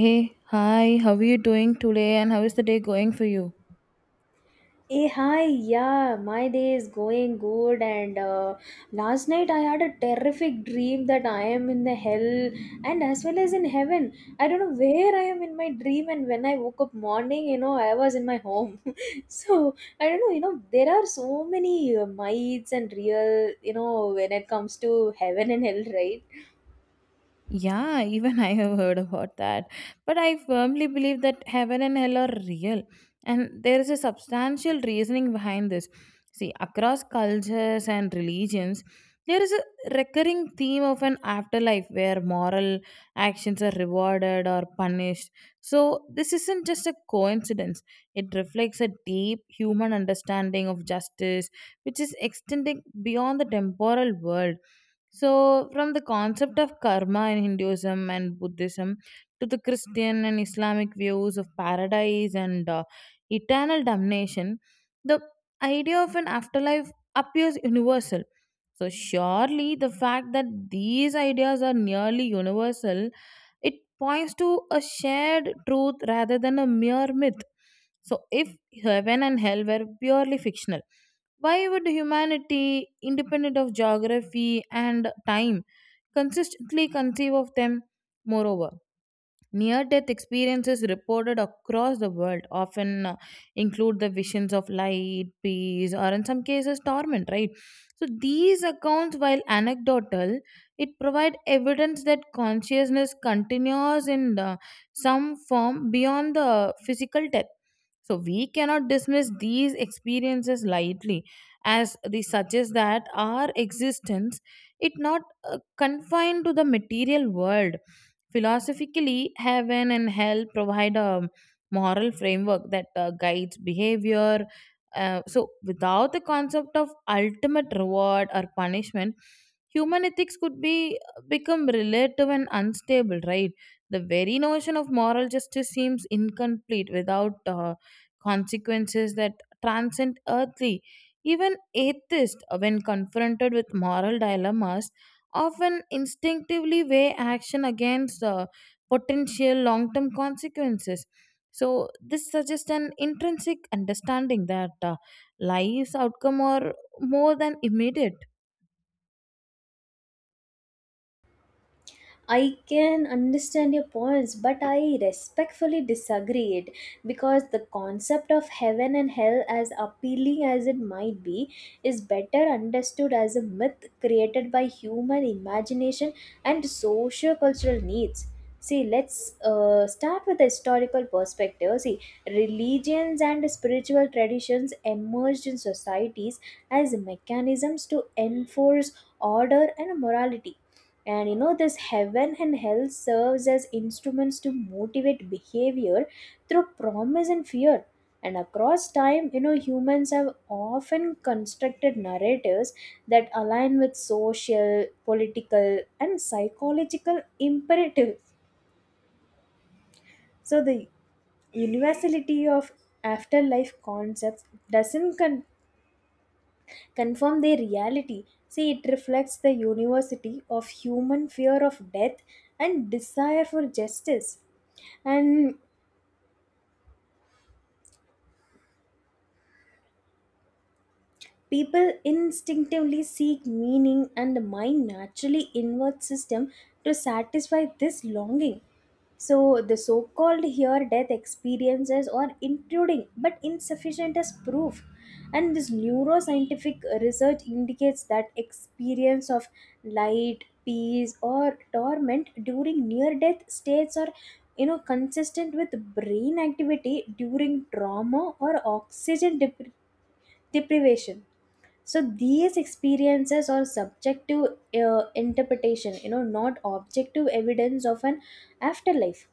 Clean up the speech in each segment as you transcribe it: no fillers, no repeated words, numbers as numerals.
Hey, hi, how are you doing today and how is the day going for you? Hey, hi, yeah, my day is going good. And last night I had a terrific dream that I am in the hell and as well as in heaven. I don't know where I am in my dream. And when I woke up morning, I was in my home. So I don't know, there are so many myths and real, you know, when it comes to heaven and hell, right? Yeah, even I have heard about that. But I firmly believe that heaven and hell are real, and there is a substantial reasoning behind this. See, across cultures and religions, there is a recurring theme of an afterlife where moral actions are rewarded or punished. So this isn't just a coincidence, it reflects a deep human understanding of justice, which is extending beyond the temporal world. So from the concept of karma in Hinduism and Buddhism to the Christian and Islamic views of paradise and eternal damnation, the idea of an afterlife appears universal. So surely the fact that these ideas are nearly universal, it points to a shared truth rather than a mere myth. So if heaven and hell were purely fictional, why would humanity, independent of geography and time, consistently conceive of them? Moreover, near death experiences reported across the world often include the visions of light, peace, or in some cases, torment, right? So these accounts, while anecdotal, it provide evidence that consciousness continues in some form beyond the physical death, so we cannot dismiss these experiences lightly, as they suggest that our existence is not confined to the material world. Philosophically, heaven and hell provide a moral framework that guides behavior. So without the concept of ultimate reward or punishment, human ethics could be become relative and unstable. Right, the very notion of moral justice seems incomplete without. Consequences that transcend earthly. Even atheists, when confronted with moral dilemmas, often instinctively weigh action against potential long term consequences. So this suggests an intrinsic understanding that life's outcome are more than immediate. I can understand your points, but I respectfully disagree it because the concept of heaven and hell, as appealing as it might be, is better understood as a myth created by human imagination and socio-cultural needs. See, let's start with the historical perspective. See, religions and spiritual traditions emerged in societies as mechanisms to enforce order and morality, and you know this heaven and hell serves as instruments to motivate behavior through promise and fear, and across time you know humans have often constructed narratives that align with social, political, and psychological imperatives. So the universality of afterlife concepts doesn't confirm their reality. See, it reflects the university of human fear of death and desire for justice. And people instinctively seek meaning, and the mind naturally inverts system to satisfy this longing. So the so-called here death experiences are intruding but insufficient as proof. And this neuroscientific research indicates that experience of light, peace, or torment during near-death states are you know consistent with brain activity during trauma or oxygen deprivation. So these experiences are subjective interpretation, you know, not objective evidence of an afterlife.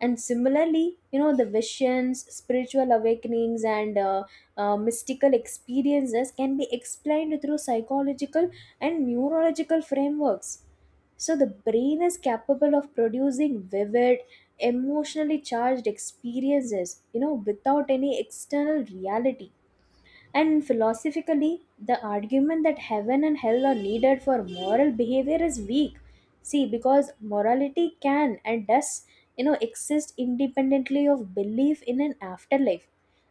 And similarly you know the visions, spiritual awakenings, and mystical experiences can be explained through psychological and neurological frameworks. So the brain is capable of producing vivid, emotionally charged experiences you know without any external reality. And philosophically, the argument that heaven and hell are needed for moral behavior is weak. See, because morality can and does, you know, exist independently of belief in an afterlife.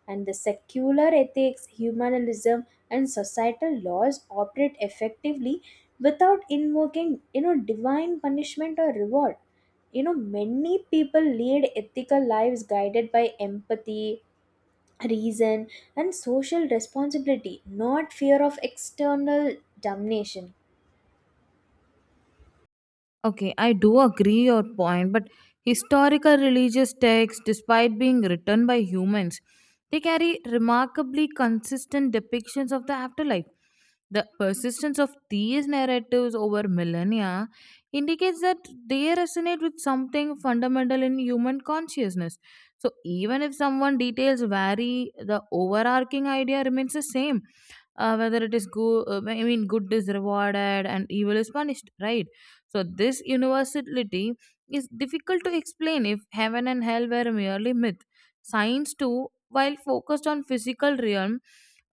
And the secular ethics, humanism, and societal laws operate effectively without invoking, you know, divine punishment or reward. You know many people lead ethical lives guided by empathy, reason, and social responsibility, not fear of external damnation. Okay, I do agree your point, but historical religious texts, despite being written by humans, they carry remarkably consistent depictions of the afterlife. The persistence of these narratives over millennia indicates that they resonate with something fundamental in human consciousness. So even if someone details vary, the overarching idea remains the same, whether it is good I mean good is rewarded and evil is punished, right? So this universality is difficult to explain if heaven and hell were merely myth. Science too, while focused on physical realm,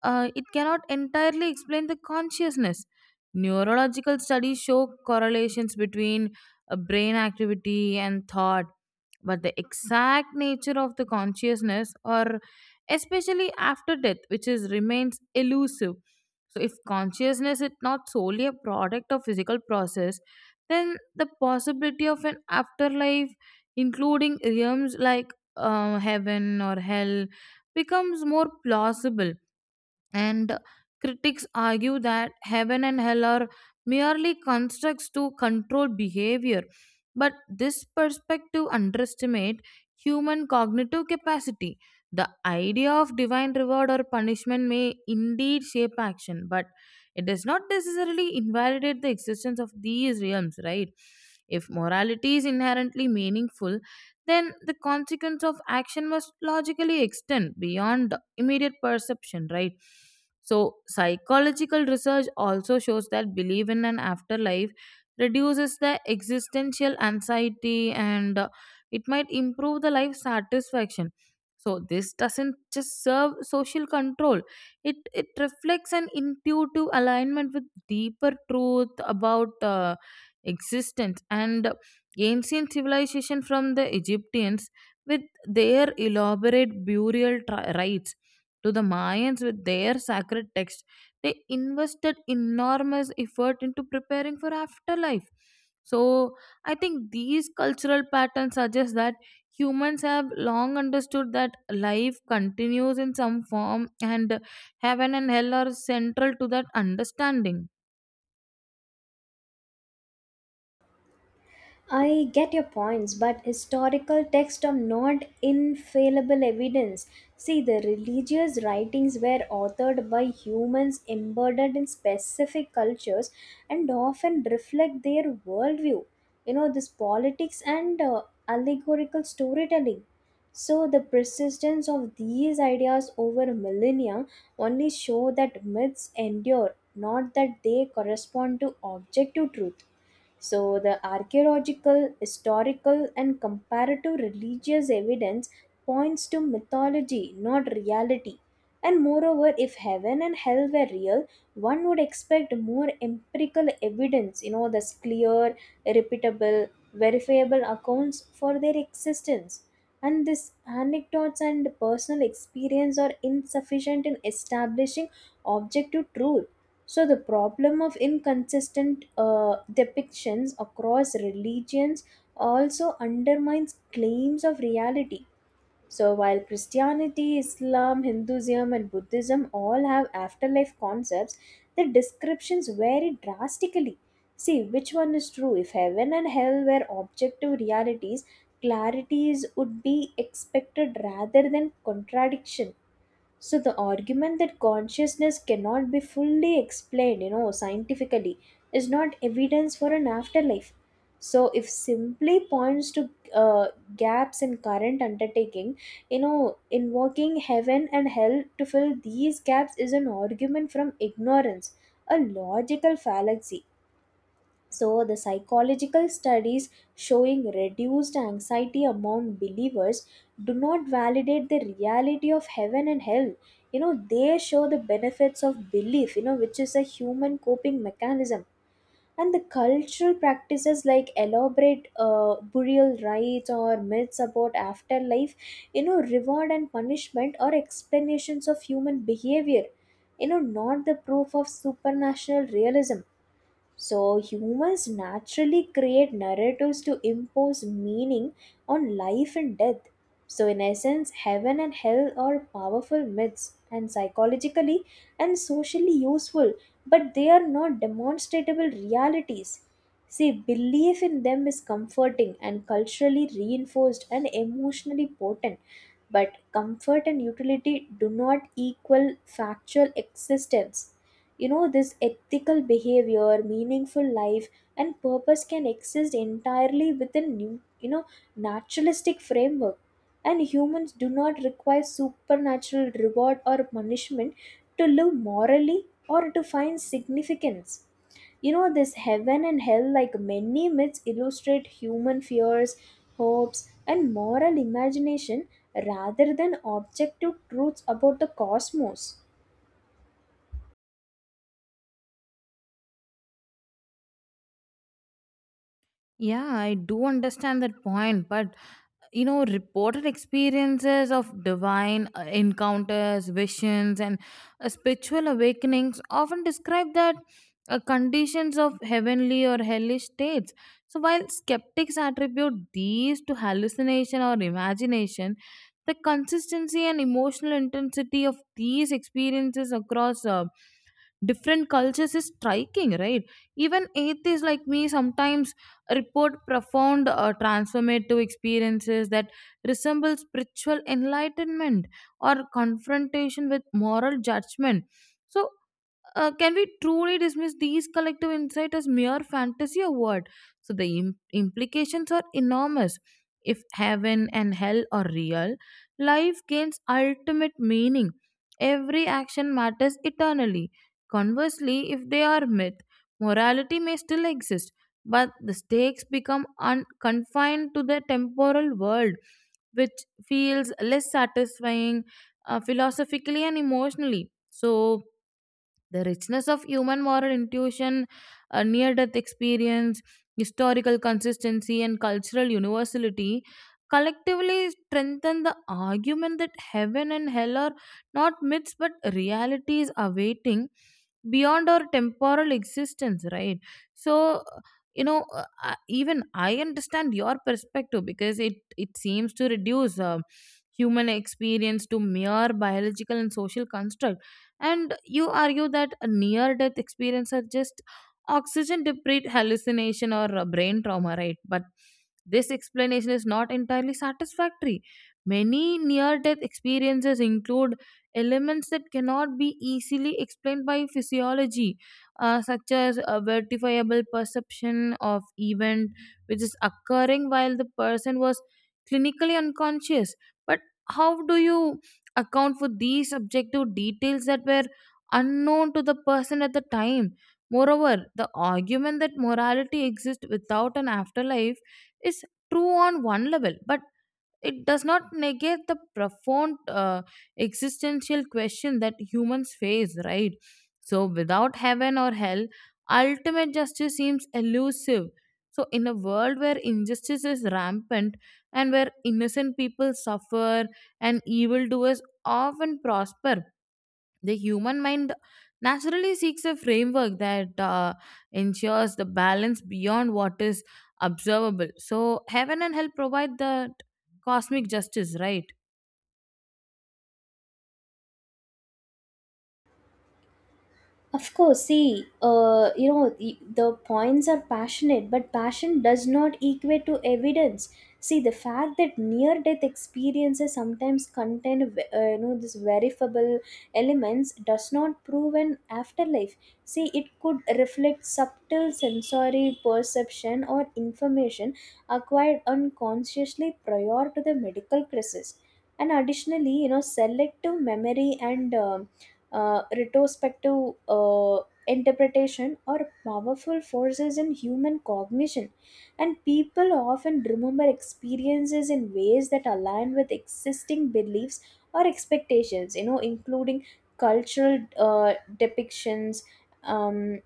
it cannot entirely explain the consciousness. Neurological studies show correlations between brain activity and thought, but the exact nature of the consciousness, or especially after death, which is remains elusive. So if consciousness is not solely a product of physical process, then the possibility of an afterlife including realms like heaven or hell becomes more plausible. And critics argue that heaven and hell are merely constructs to control behavior, but this perspective underestimates human cognitive capacity. The idea of divine reward or punishment may indeed shape action, but it does not necessarily invalidate the existence of these realms, right? If morality is inherently meaningful, then the consequence of action must logically extend beyond immediate perception, right? So psychological research also shows that belief in an afterlife reduces the existential anxiety and it might improve the life satisfaction. So this doesn't just serve social control, it reflects an intuitive alignment with deeper truth about existence. And ancient civilization, from the Egyptians with their elaborate rites to the Mayans with their sacred text. They invested enormous effort into preparing for afterlife. So I think these cultural patterns suggest that humans have long understood that life continues in some form, and heaven and hell are central to that understanding. I get your points, but historical texts are not infallible evidence. See, the religious writings were authored by humans embedded in specific cultures and often reflect their worldview. You know, this politics and allegorical storytelling. So the persistence of these ideas over millennia only show that myths endure, not that they correspond to objective truth. So the archaeological, historical, and comparative religious evidence points to mythology, not reality. And moreover, if heaven and hell were real, one would expect more empirical evidence, you know, thus clear, repeatable, verifiable accounts for their existence. And these anecdotes and personal experience are insufficient in establishing objective truth. So the problem of inconsistent depictions across religions also undermines claims of reality. So, while Christianity, Islam, Hinduism, and Buddhism all have afterlife concepts, the descriptions vary drastically. See, which one is true? If heaven and hell were objective realities, clarities would be expected rather than contradiction. So the argument that consciousness cannot be fully explained, you know, scientifically is not evidence for an afterlife. So if simply points to gaps in current undertaking. You know, invoking heaven and hell to fill these gaps is an argument from ignorance, a logical fallacy. So, the psychological studies showing reduced anxiety among believers do not validate the reality of heaven and hell. You know, they show the benefits of belief, you know, which is a human coping mechanism. And the cultural practices like elaborate burial rites or myths about afterlife, you know, reward and punishment or explanations of human behavior, you know, not the proof of supernatural realism. So, humans naturally create narratives to impose meaning on life and death. So, in essence, heaven and hell are powerful myths and psychologically and socially useful, but they are not demonstrable realities. See, belief in them is comforting and culturally reinforced and emotionally potent. But comfort and utility do not equal factual existence. You know this ethical behavior, meaningful life, and purpose can exist entirely within new, you know, naturalistic framework. And humans do not require supernatural reward or punishment to live morally or to find significance. You know this heaven and hell like many myths illustrate human fears, hopes, and moral imagination rather than objective truths about the cosmos. Yeah, I do understand that point, but you know reported experiences of divine encounters, visions, and spiritual awakenings often describe that conditions of heavenly or hellish states. So while skeptics attribute these to hallucination or imagination, the consistency and emotional intensity of these experiences across different cultures is striking, right? Even atheists like me sometimes report profound transformative experiences that resemble spiritual enlightenment or confrontation with moral judgment. So can we truly dismiss these collective insights as mere fantasy or what? So the implications are enormous. If heaven and hell are real, life gains ultimate meaning. Every action matters eternally. Conversely, if they are myth, morality may still exist, but the stakes become confined to the temporal world, which feels less satisfying philosophically and emotionally. So the richness of human moral intuition, near death experience, historical consistency, and cultural universality collectively strengthen the argument that heaven and hell are not myths but realities awaiting beyond our temporal existence, right? So, you know, even I understand your perspective because it seems to reduce. Human experience to mere biological and social construct. And you argue that a near death experience are just oxygen deprived hallucination or a brain trauma, right? But this explanation is not entirely satisfactory. Many near death experiences include elements that cannot be easily explained by physiology, such as a verifiable perception of event which is occurring while the person was clinically unconscious. But how do you account for these objective details that were unknown to the person at the time? Moreover, the argument that morality exists without an afterlife is true on one level, but it does not negate the profound existential question that humans face, right? So without heaven or hell, ultimate justice seems elusive. So in a world where injustice is rampant and where innocent people suffer and evildoers often prosper, the human mind naturally seeks a framework that ensures the balance beyond what is observable. So heaven and hell provide the cosmic justice, right? Of course, see, the points are passionate, but passion does not equate to evidence. See, the fact that near-death experiences sometimes contain, you know, this verifiable elements does not prove an afterlife. See, it could reflect subtle sensory perception or information acquired unconsciously prior to the medical crisis. And additionally, you know, selective memory and retrospective interpretation are powerful forces in human cognition, and people often remember experiences in ways that align with existing beliefs or expectations, you know, including cultural depictions. Um,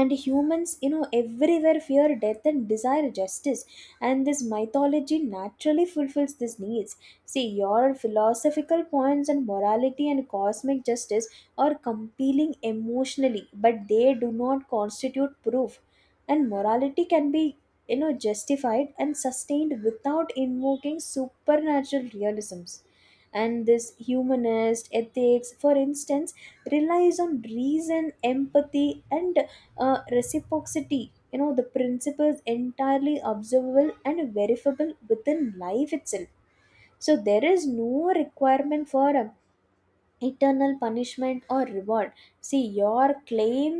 and humans you know everywhere fear death and desire justice, and this mythology naturally fulfills these needs. See, your philosophical points on morality and cosmic justice are compelling emotionally, but they do not constitute proof. And morality can be, you know, justified and sustained without invoking supernatural realisms. And this humanist ethics, for instance, relies on reason, empathy, and reciprocity. You know the principle is entirely observable and verifiable within life itself. So there is no requirement for eternal punishment or reward. See your claim,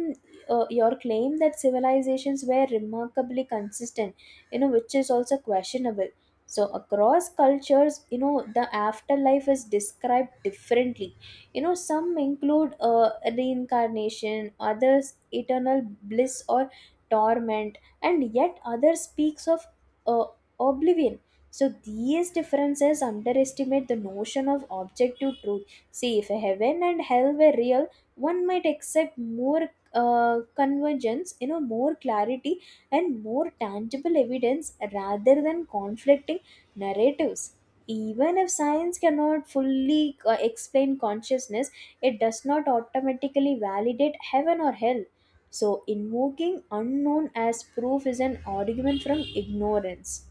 your claim that civilizations were remarkably consistent, you know, which is also questionable. So across cultures you know the afterlife is described differently. You know some include reincarnation, others eternal bliss or torment, and yet others speaks of uh, oblivion. So these differences underestimate the notion of objective truth. See, if heaven and hell were real, one might accept more convergence, you know, more clarity and more tangible evidence rather than conflicting narratives. Even if science cannot fully explain consciousness, it does not automatically validate heaven or hell. So, invoking unknown as proof is an argument from ignorance.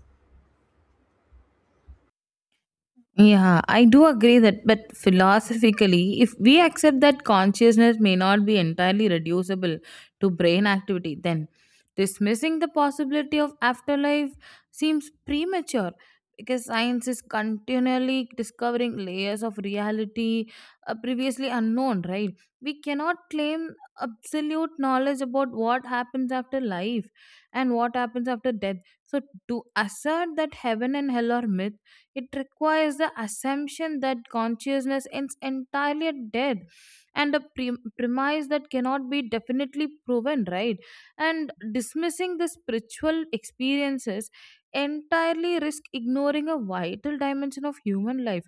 Yeah, I do agree that, but philosophically, if we accept that consciousness may not be entirely reducible to brain activity, then dismissing the possibility of afterlife seems premature, because science is continually discovering layers of reality previously unknown, right? We cannot claim absolute knowledge about what happens after life and what happens after death. So to assert that heaven and hell are myths, it requires the assumption that consciousness is entirely dead, and a premise that cannot be definitely proven, right? And dismissing the spiritual experiences entirely risk ignoring a vital dimension of human life.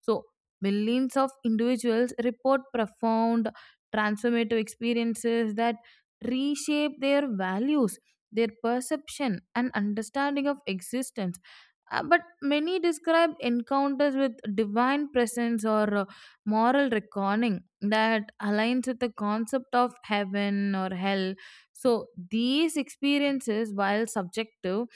So millions of individuals report profound transformative experiences that reshape their values, their perception, and understanding of existence, but many describe encounters with divine presence or moral reckoning that aligns with the concept of heaven or hell. So these experiences, while subjective,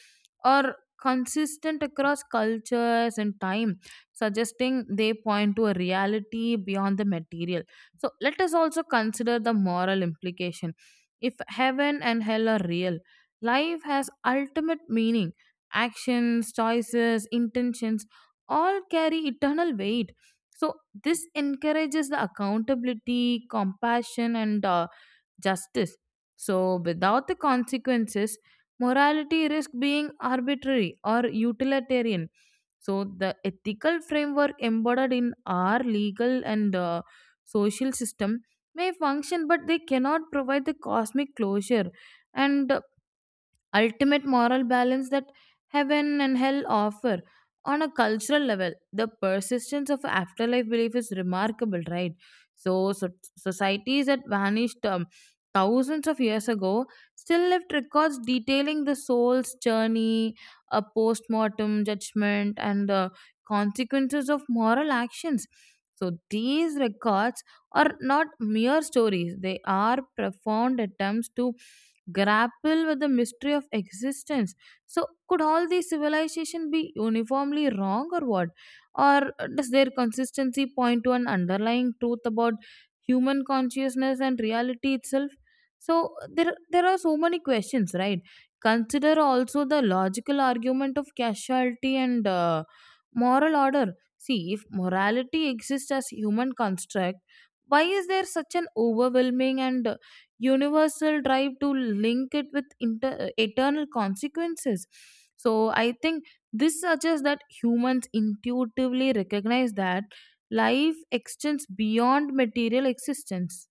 are consistent across cultures and time, suggesting they point to a reality beyond the material. So let us also consider the moral implication. If heaven and hell are real, life has ultimate meaning. Actions, choices, intentions all carry eternal weight. So this encourages the accountability, compassion, and justice. So without the consequences, morality risks being arbitrary or utilitarian. So the ethical framework embodied in our legal and social system may function, but they cannot provide the cosmic closure. And ultimate moral balance that heaven and hell offer. On a cultural level, the persistence of afterlife belief is remarkable, right? So societies that vanished thousands of years ago still left records detailing the soul's journey, a post mortem judgment, and the consequences of moral actions. So these records are not mere stories, they are profound attempts to grapple with the mystery of existence. So could all these civilization be uniformly wrong or what? Or does their consistency point to an underlying truth about human consciousness and reality itself? So there are so many questions, right? Consider also the logical argument of causality and moral order. See, if morality exists as human construct, why is there such an overwhelming and universal drive to link it with eternal consequences? So I think this suggests that humans intuitively recognize that life extends beyond material existence.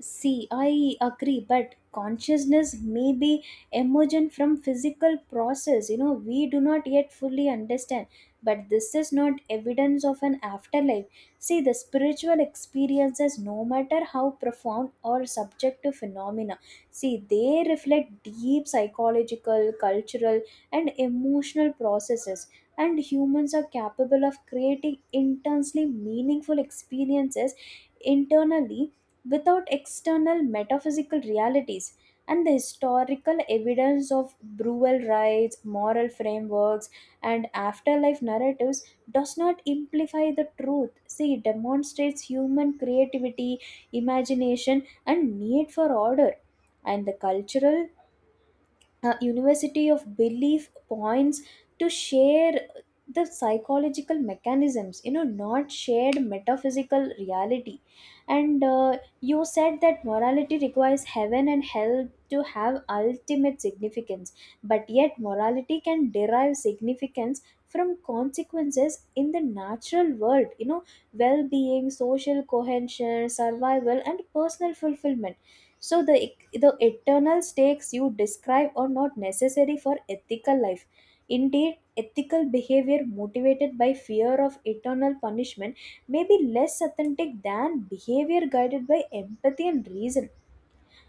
See, I agree, but consciousness may be emergent from physical process. You know, we do not yet fully understand, but this is not evidence of an afterlife. See, the spiritual experiences, no matter how profound or subjective phenomena, see, they reflect deep psychological, cultural, and emotional processes. And humans are capable of creating intensely meaningful experiences internally without external metaphysical realities. And the historical evidence of brutal rites, moral frameworks, and afterlife narratives does not imply the truth. See, it demonstrates human creativity, imagination, and need for order. And the cultural university of belief points to share the psychological mechanisms, you know, not shared metaphysical reality. And you said that morality requires heaven and hell to have ultimate significance, but yet morality can derive significance from consequences in the natural world, you know, well-being, social cohesion, survival, and personal fulfillment. So the eternal stakes you describe are not necessary for ethical life. Indeed, ethical behavior motivated by fear of eternal punishment may be less authentic than behavior guided by empathy and reason.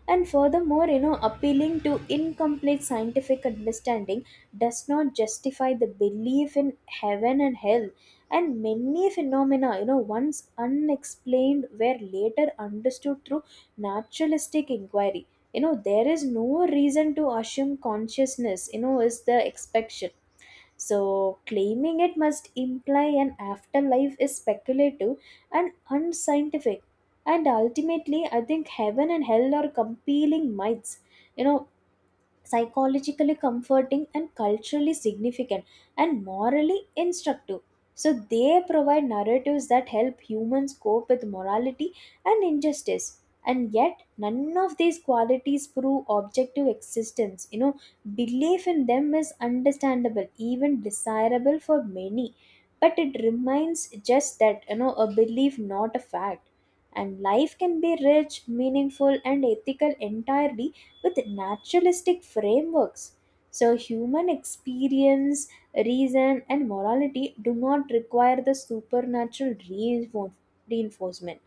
And furthermore you know appealing to incomplete scientific understanding does not justify the belief in heaven and hell. And many phenomena, you know, once unexplained were later understood through naturalistic inquiry. You know there is no reason to assume consciousness, you know, is the exception. So, claiming it must imply an afterlife is speculative and unscientific. And ultimately, I think heaven and hell are compelling myths. You know, psychologically comforting and culturally significant and morally instructive. So they provide narratives that help humans cope with morality and injustice. And yet, none of these qualities prove objective existence. You know, belief in them is understandable, even desirable for many, but it remains just that, you know, a belief, not a fact. And life can be rich, meaningful, and ethical entirely with naturalistic frameworks. So, human experience, reason, and morality do not require the supernatural reinforcement.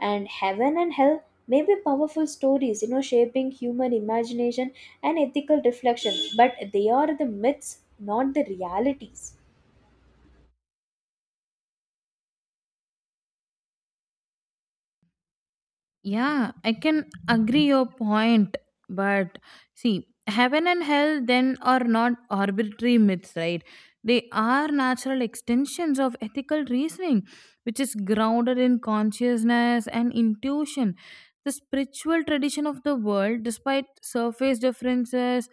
And heaven and hell may be powerful stories, you know, shaping human imagination and ethical reflection, but they are the myths, not the realities. Yeah, I can agree your point, but see, heaven and hell then are not arbitrary myths, right? They are natural extensions of ethical reasoning, which is grounded in consciousness and intuition. The spiritual tradition of the world, despite surface differences,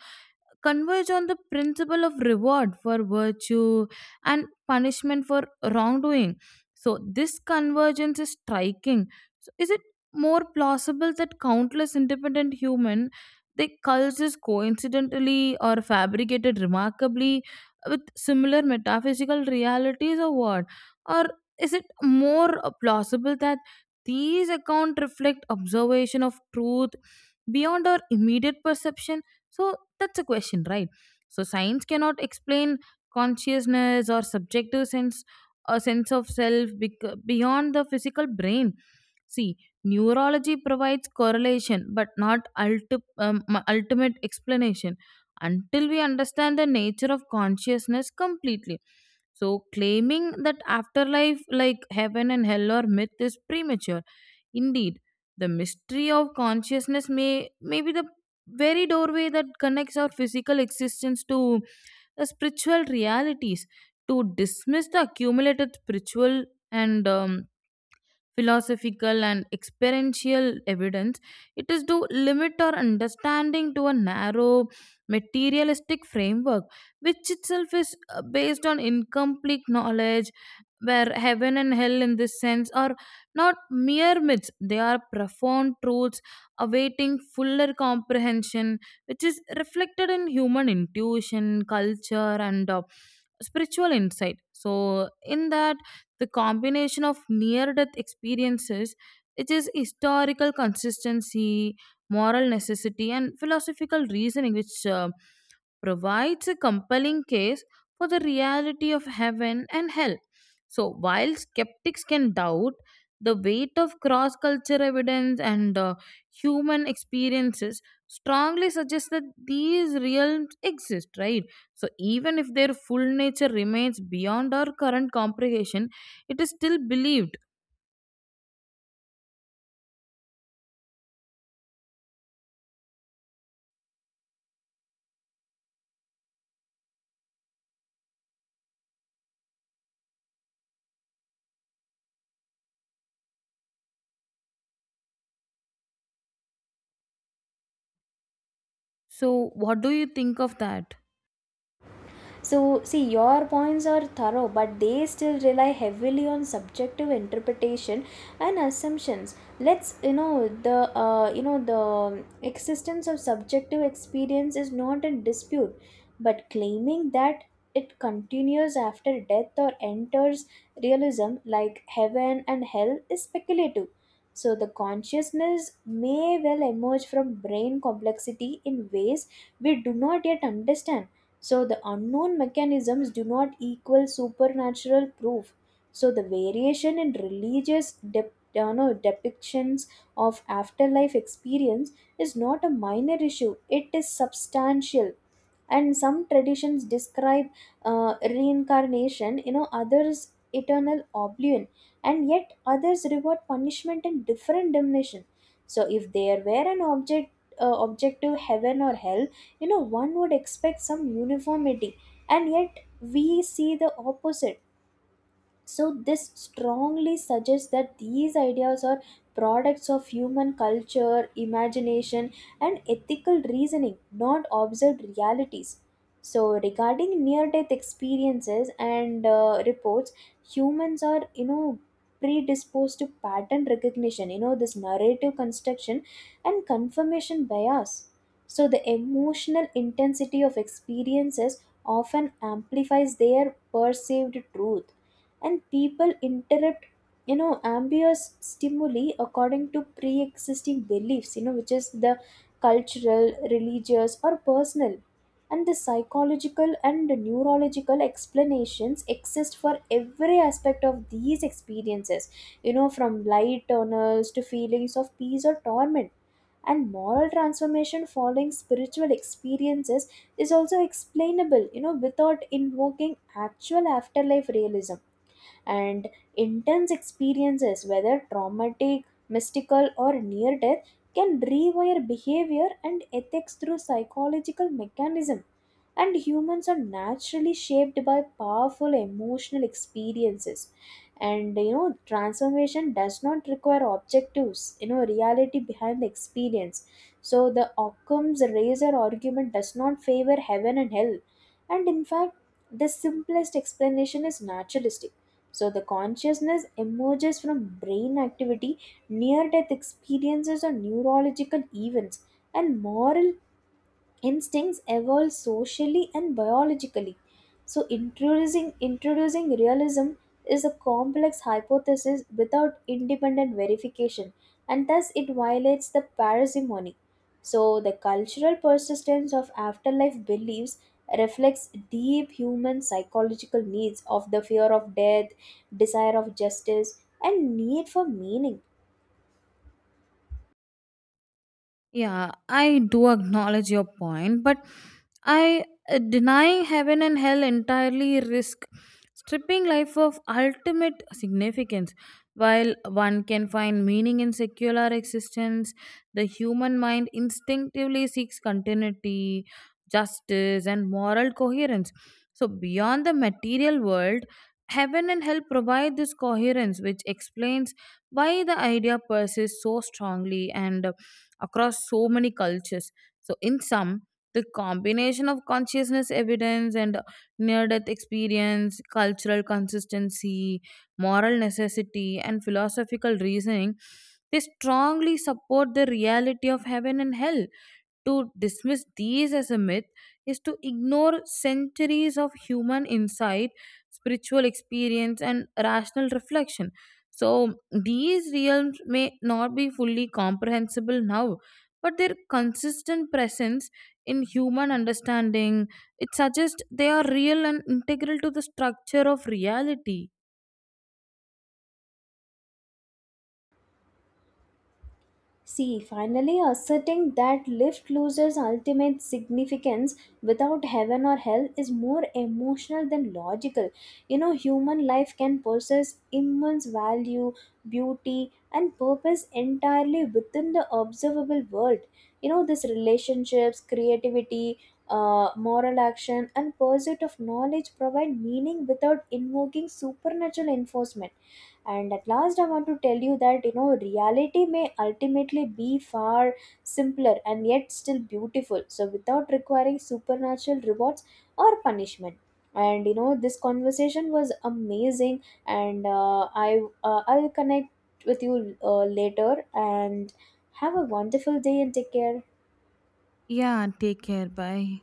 converge on the principle of reward for virtue and punishment for wrongdoing. So this convergence is striking. So is it more plausible that countless independent human they cultures coincidentally or fabricated remarkably with similar metaphysical realities or what? Or is it more plausible that these accounts reflect observation of truth beyond our immediate perception? So that's a question, right? So science cannot explain consciousness or subjective sense, a sense of self beyond the physical brain. See, neurology provides correlation but not ultimate explanation until we understand the nature of consciousness completely. So claiming that afterlife like heaven and hell or myth is premature. Indeed, the mystery of consciousness may be the very doorway that connects our physical existence to the spiritual realities. To dismiss the accumulated spiritual and philosophical and experiential evidence, it is to limit our understanding to a narrow materialistic framework, which itself is based on incomplete knowledge, where heaven and hell in this sense are not mere myths, they are profound truths awaiting fuller comprehension, which is reflected in human intuition, culture, and spiritual insight. So in that, the combination of near death experiences, which is historical consistency, moral necessity, and philosophical reasoning, which provides a compelling case for the reality of heaven and hell. So while skeptics can doubt, the weight of cross cultural evidence and human experiences, strongly suggests that these realms exist, right? So even if their full nature remains beyond our current comprehension, it is still believed. So what do you think of that? So, see, your points are thorough, but they still rely heavily on subjective interpretation and assumptions. Let's, you know, the existence of subjective experience is not in dispute, but claiming that it continues after death or enters realism like heaven and hell is speculative. So, the consciousness may well emerge from brain complexity in ways we do not yet understand. So the unknown mechanisms do not equal supernatural proof. So the variation in religious dep- no, depictions of afterlife experience is not a minor issue, it is substantial. And some traditions describe reincarnation, you know, others eternal oblivion, and yet others reward punishment in different dimension. So if there were an objective heaven or hell, you know, one would expect some uniformity, and yet we see the opposite. So, this strongly suggests that these ideas are products of human culture, imagination, and ethical reasoning, not observed realities. So, regarding near death experiences and reports, humans are, you know, predisposed to pattern recognition, you know, this narrative construction and confirmation bias. So, the emotional intensity of experiences often amplifies their perceived truth, and people interrupt you know ambiguous stimuli according to pre-existing beliefs, you know, which is the cultural, religious, or personal. And the psychological and neurological explanations exist for every aspect of these experiences, you know, from light tunnels to feelings of peace or torment. And moral transformation following spiritual experiences is also explainable, you know, without invoking actual afterlife realism. And intense experiences, whether traumatic, mystical, or near death, can rewire behavior and ethics through psychological mechanism. And humans are naturally shaped by powerful emotional experiences, and you know transformation does not require objectives, you know, reality behind the experience. So the Occam's razor argument does not favor heaven and hell. And in fact, the simplest explanation is naturalistic. So the consciousness emerges from brain activity, near death experiences, or neurological events, and moral instincts evolve socially and biologically. So introducing realism is a complex hypothesis without independent verification, and thus it violates the parsimony. So the cultural persistence of afterlife beliefs reflects deep human psychological needs of the fear of death, desire of justice, and need for meaning. Yeah, I do acknowledge your point, but I denying heaven and hell entirely risk stripping life of ultimate significance. While one can find meaning in secular existence, the human mind instinctively seeks continuity, justice, and moral coherence. So beyond the material world, heaven and hell provide this coherence, which explains why the idea persists so strongly and across so many cultures. So in sum, the combination of consciousness evidence and near death experience, cultural consistency, moral necessity, and philosophical reasoning, they strongly support the reality of heaven and hell. To dismiss these as a myth is to ignore centuries of human insight, spiritual experience, and rational reflection. So these realms may not be fully comprehensible now, but their consistent presence in human understanding, it suggests they are real and integral to the structure of reality. See, finally asserting that lift loses ultimate significance without heaven or hell is more emotional than logical. You know, human life can possess immense value, beauty, and purpose entirely within the observable world. You know, this relationships, creativity, moral action, and pursuit of knowledge provide meaning without invoking supernatural enforcement. And at last I want to tell you that you know reality may ultimately be far simpler and yet still beautiful, so without requiring supernatural rewards or punishment. And you know this conversation was amazing, and I'll connect with you later, and have a wonderful day and take care. Yeah, take care. Bye.